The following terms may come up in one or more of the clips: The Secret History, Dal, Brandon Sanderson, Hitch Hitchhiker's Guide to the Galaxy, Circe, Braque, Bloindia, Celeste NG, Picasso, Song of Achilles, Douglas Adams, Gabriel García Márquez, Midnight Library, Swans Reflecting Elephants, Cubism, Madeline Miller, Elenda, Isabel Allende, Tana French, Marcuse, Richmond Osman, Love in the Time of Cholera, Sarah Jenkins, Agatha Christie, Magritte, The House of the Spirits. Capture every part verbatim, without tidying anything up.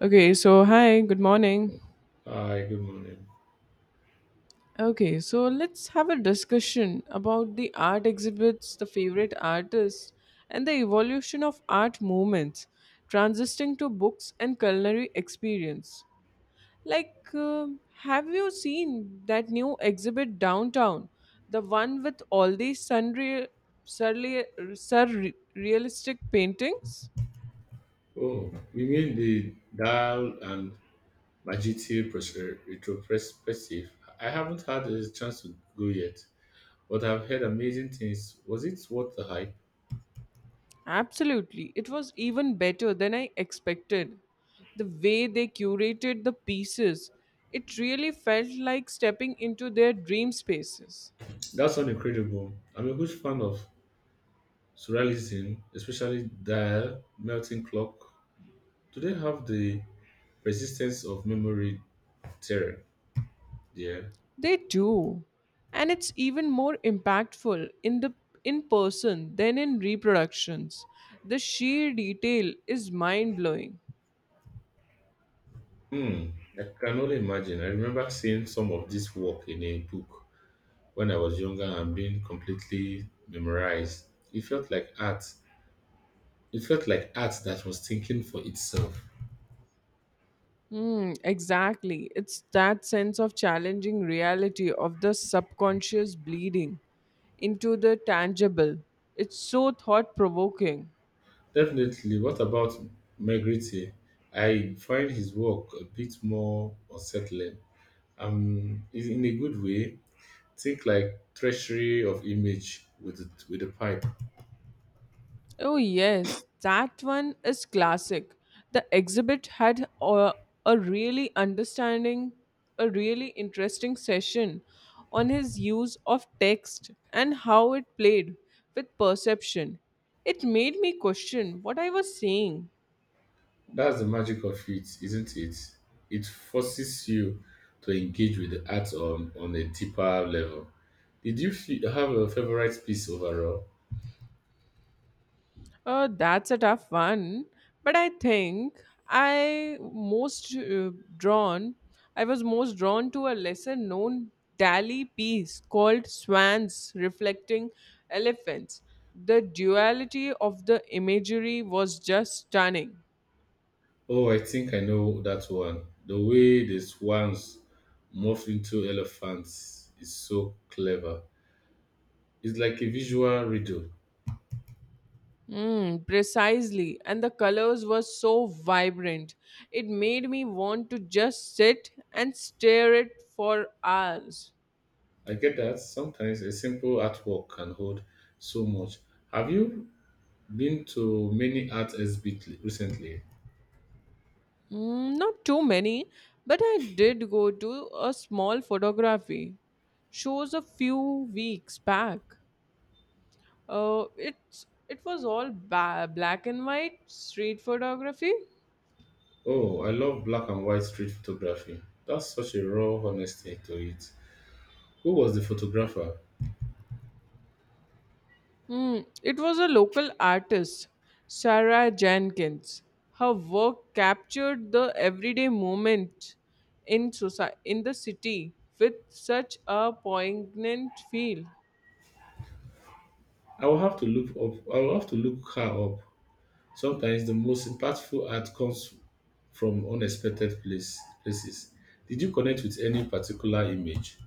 Okay, so hi, good morning. Hi, good morning. Okay, so let's have a discussion about the art exhibits, the favorite artists, and the evolution of art movements, transitioning to books and culinary experience. Like, um have you seen that new exhibit downtown? The one with all these surreal, surreal, surrealistic paintings? Oh, you mean the Dal and Majiti pros- retrospective? I haven't had a chance to go yet, but I've heard amazing things. Was it worth the hype? Absolutely. It was even better than I expected. The way they curated the pieces, it really felt like stepping into their dream spaces. That sounds incredible. I'm a huge fan of surrealism, especially Dal, Melting Clock. Do they have the persistence of memory terror? Yeah. They do. And it's even more impactful in the in person than in reproductions. The sheer detail is mind-blowing. Hmm, I can only imagine. I remember seeing some of this work in a book when I was younger and being completely memorized. It felt like art. It felt like art that was thinking for itself. Mm, exactly. It's that sense of challenging reality of the subconscious bleeding into the tangible. It's so thought provoking. Definitely. What about Magritte? I find his work a bit more unsettling. Um, is in a good way. Think like treasury of image with the, with a pipe. Oh, yes, that one is classic. The exhibit had a, a really understanding, a really interesting session on his use of text and how it played with perception. It made me question what I was saying. That's the magic of it, isn't it? It forces you to engage with the art on, on a deeper level. Did you fe- have a favorite piece overall? Uh, that's a tough one, but I think I most uh, drawn. I was most drawn to a lesser known Dali piece called Swans Reflecting Elephants. The duality of the imagery was just stunning. Oh, I think I know that one. The way the swans morph into elephants is so clever. It's like a visual riddle. Mm, precisely, and the colors were so vibrant. It made me want to just sit and stare it for hours. I get that sometimes a simple artwork can hold so much. Have you been to many art exhibits recently? Mm, not too many, but I did go to a small photography shows a few weeks back. Uh, it's it was all ba- black and white street photography. Oh, I love black and white street photography. That's such a raw honesty to it. Who was the photographer? Mm, it was a local artist, Sarah Jenkins. Her work captured the everyday moment in society in the city with such a poignant feel. I will have to look up. I will have to look her up. Sometimes the most impactful art comes from unexpected place, places. Did you connect with any particular image?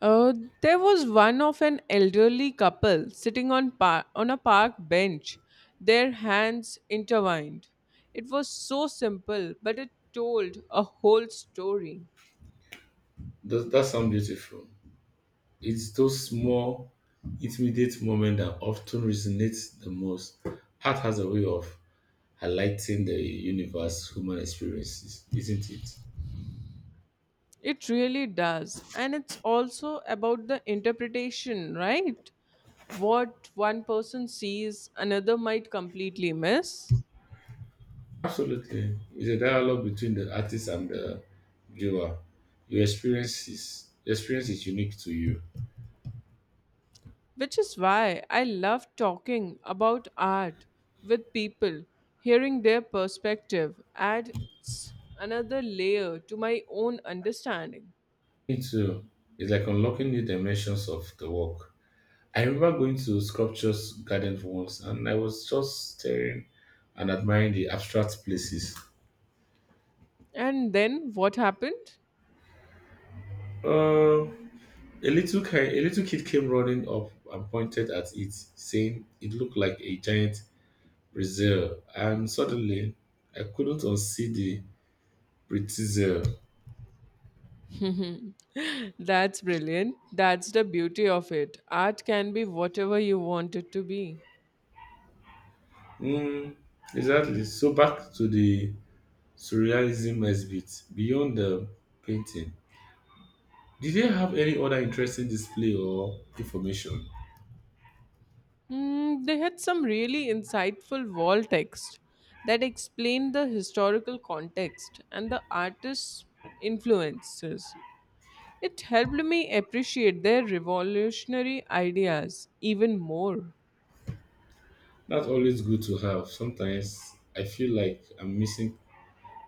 Uh, there was one of an elderly couple sitting on par- on a park bench, their hands intertwined. It was so simple, but it told a whole story. Does that sound beautiful? It's those small, intimate moments that often resonate the most. Art has a way of highlighting the universe, human experiences, isn't it? It really does, and it's also about the interpretation, right? What one person sees, another might completely miss. Absolutely. It's a dialogue between the artist and the viewer. Your experiences, your experience is unique to you. Which is why I love talking about art with people, hearing their perspective adds another layer to my own understanding. Me too. It's like unlocking new dimensions of the work. I remember going to sculptures garden once, and I was just staring and admiring the abstract places. And then what happened? Uh, a little ki- a little kid came running up and pointed at it, saying it looked like a giant brazil. And suddenly, I couldn't unsee the pretzel. Mhm. That's brilliant. That's the beauty of it. Art can be whatever you want it to be. Mm, exactly. So back to the surrealism exhibit beyond the painting. Did they have any other interesting display or information? Hmm, they had some really insightful wall text that explained the historical context and the artist's influences. It helped me appreciate their revolutionary ideas even more. That's always good to have. Sometimes I feel like I'm missing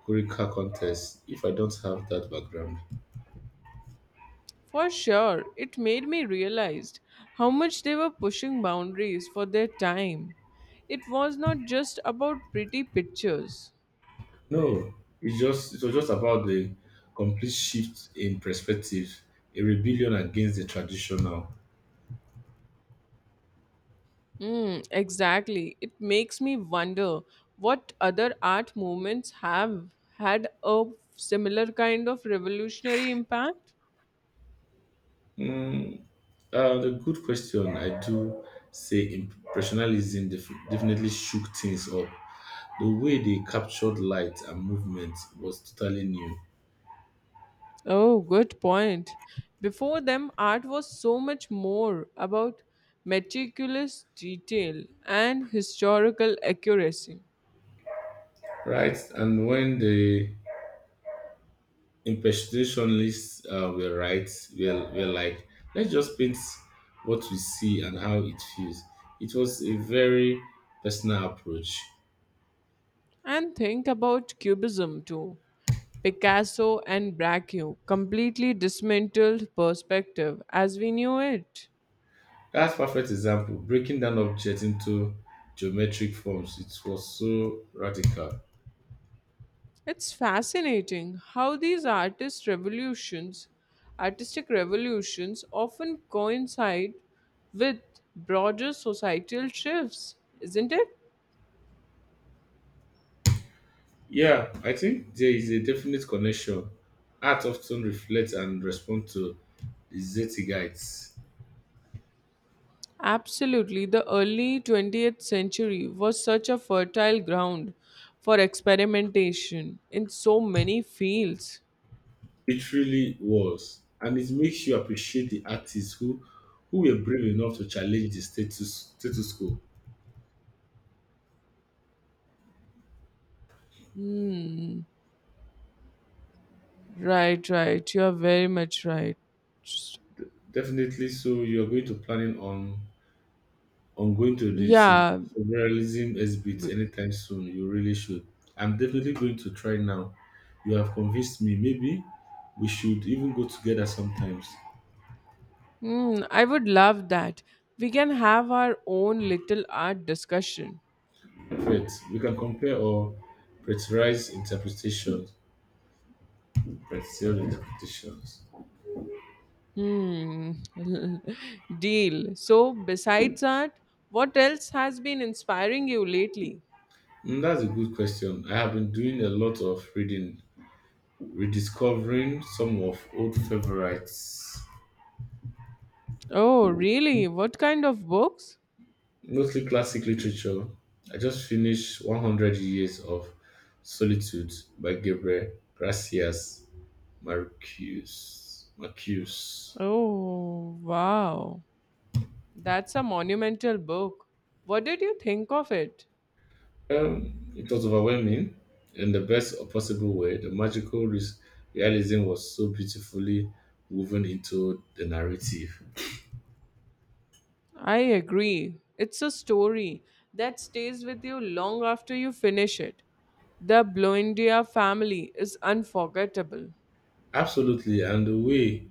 Kurika contest if I don't have that background. For sure, it made me realize how much they were pushing boundaries for their time. It was not just about pretty pictures. No, it's just it was just about the complete shift in perspective, a rebellion against the traditional. Mm, exactly. It makes me wonder what other art movements have had a similar kind of revolutionary impact. Mm, uh, the good question. I do say impressionism def- definitely shook things up. The way they captured light and movement was totally new. Oh, good point. Before them, art was so much more about meticulous detail and historical accuracy. Right, and when the impersonalists uh, were right, we're, we're like, let's just paint what we see and how it feels. It was a very personal approach. And think about Cubism too. Picasso and Braque completely dismantled perspective as we knew it. That's perfect example. Breaking down objects into geometric forms. It was so radical. It's fascinating how these artist revolutions, artistic revolutions often coincide with broader societal shifts, isn't it? Yeah, I think there is a definite connection. Art often reflects and responds to the Zeitgeist. Absolutely, the early twentieth century was such a fertile ground for experimentation in so many fields. It really was. And it makes you appreciate the artists who who were brave enough to challenge the status status quo. Hmm. Right, right. You are very much right. S- Definitely so you're going to planning on on going to the sov- Yeah. sovereignism exhibit b- anytime soon. You really should. I'm definitely going to try now. You have convinced me. Maybe we should even go together sometimes. Hmm. I would love that. We can have our own little art discussion. Perfect. We can compare or pressurize interpretations. Pressurize interpretations. Hmm. Deal. So, besides art, what else has been inspiring you lately? Mm, that's a good question. I have been doing a lot of reading, rediscovering some of old favorites, Oh, really? What kind of books? mostly classic literature. I just finished one hundred Years of Solitude by Gabriel Gracias Marcus. Marcus. Oh, wow. That's a monumental book. What did you think of it? Um, it was overwhelming in the best possible way. The magical res- realism was so beautifully woven into the narrative. I agree. It's a story that stays with you long after you finish it. The Bloindia family is unforgettable. Absolutely, and the way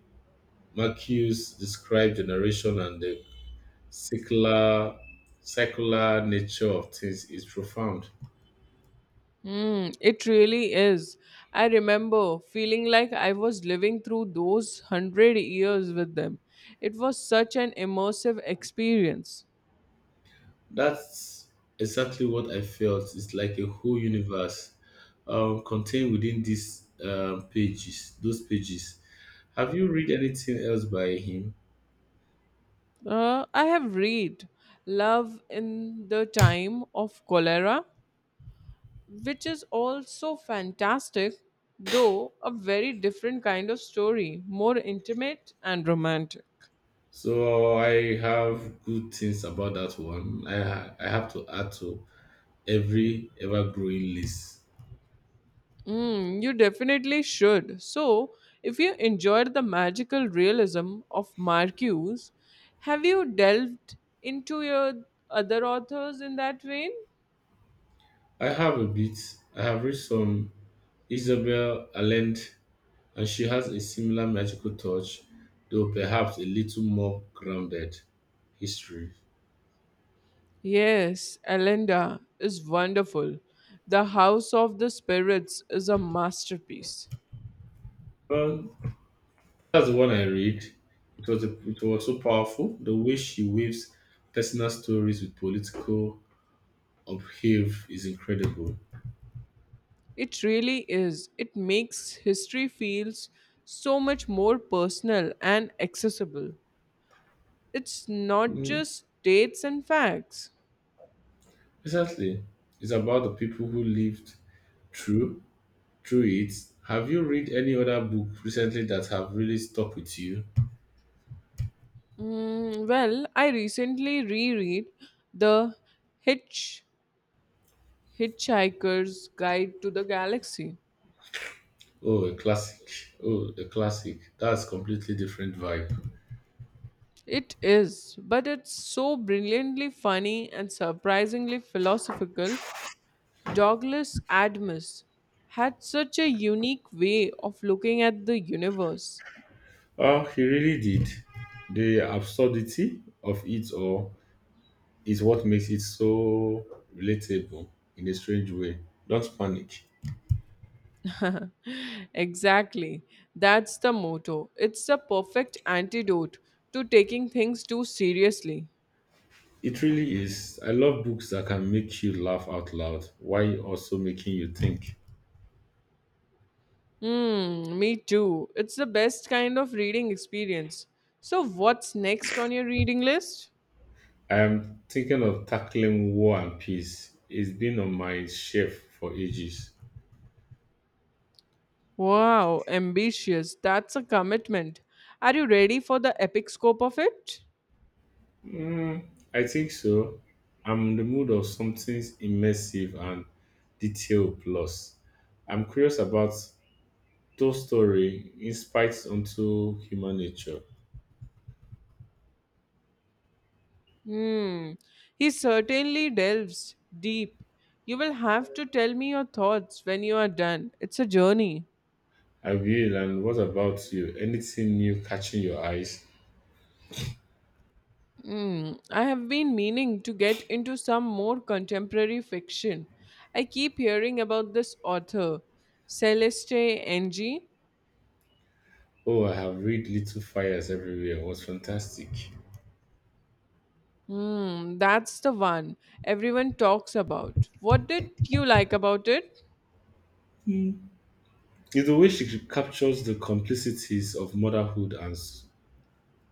Marcuse described generation and the secular secular nature of things is profound. Hmm, it really is. I remember feeling like I was living through those hundred years with them. It was such an immersive experience. That's exactly what I felt. It's like a whole universe um, contained within these um, pages. Those pages. Have you read anything else by him? Uh, I have read Love in the Time of Cholera, which is also fantastic, though a very different kind of story, more intimate and romantic. So I have good things about that one. I ha- I have to add to every ever growing list. Mm, you definitely should. So, if you enjoyed the magical realism of Marcuse, have you delved into your other authors in that vein? I have a bit. I have read some Isabel Allende, and she has a similar magical touch, though perhaps a little more grounded history. Yes, Elenda is wonderful. The House of the Spirits is a masterpiece. Well, that's the one I read. It was a, it was so powerful. The way she weaves personal stories with political upheave is incredible. It really is. It makes history feels so much more personal and accessible. It's not Mm, just dates and facts. exactly. It's about the people who lived through through it. Have you read any other book recently that have really stuck with you? Mm, well, I recently reread the Hitch Hitchhiker's Guide to the Galaxy. Oh, a classic. Oh, a classic. That's completely different vibe. It is, but it's so brilliantly funny and surprisingly philosophical. Douglas Adams had such a unique way of looking at the universe. Oh, he really did. The absurdity of it all is what makes it so relatable in a strange way. Don't panic. Exactly. That's the motto. It's the perfect antidote to taking things too seriously. It really is. I love books that can make you laugh out loud while also making you think. Hmm, me too. It's the best kind of reading experience. So, what's next on your reading list? I am thinking of tackling War and Peace. It's been on my shelf for ages. Wow, ambitious. That's a commitment. Are you ready for the epic scope of it? Mm, I think so. I'm in the mood of something immersive and detail plus. I'm curious about Toy Story insights onto human nature. Hmm. He certainly delves deep. You will have to tell me your thoughts when you are done. It's a journey. I will. And what about you? Anything new catching your eyes? Hmm. I have been meaning to get into some more contemporary fiction. I keep hearing about this author, Celeste N G. Oh, I have read Little Fires Everywhere. It was fantastic. Hmm, that's the one everyone talks about. What did you like about it? It's the way she captures the complexities of motherhood and s-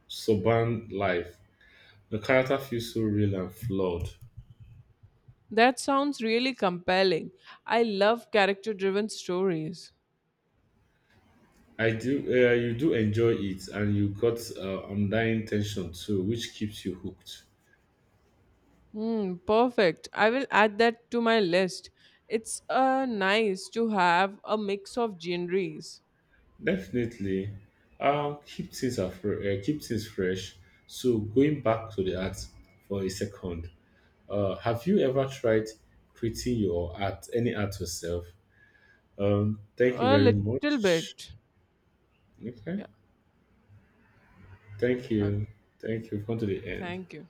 suburban life. The character feels so real and flawed. That sounds really compelling. I love character driven stories. I do. Uh, you do enjoy it, and you got uh, undying tension too, which keeps you hooked. Hmm, perfect. I will add that to my list. It's uh, nice to have a mix of genres. Definitely, uh, keep things afre- uh, keep things fresh. So going back to the art for a second, uh, have you ever tried creating your art, any art yourself? Um, thank you A very little much. bit. Okay, Yeah. thank Okay. you, thank you. We've come to the end. Thank you.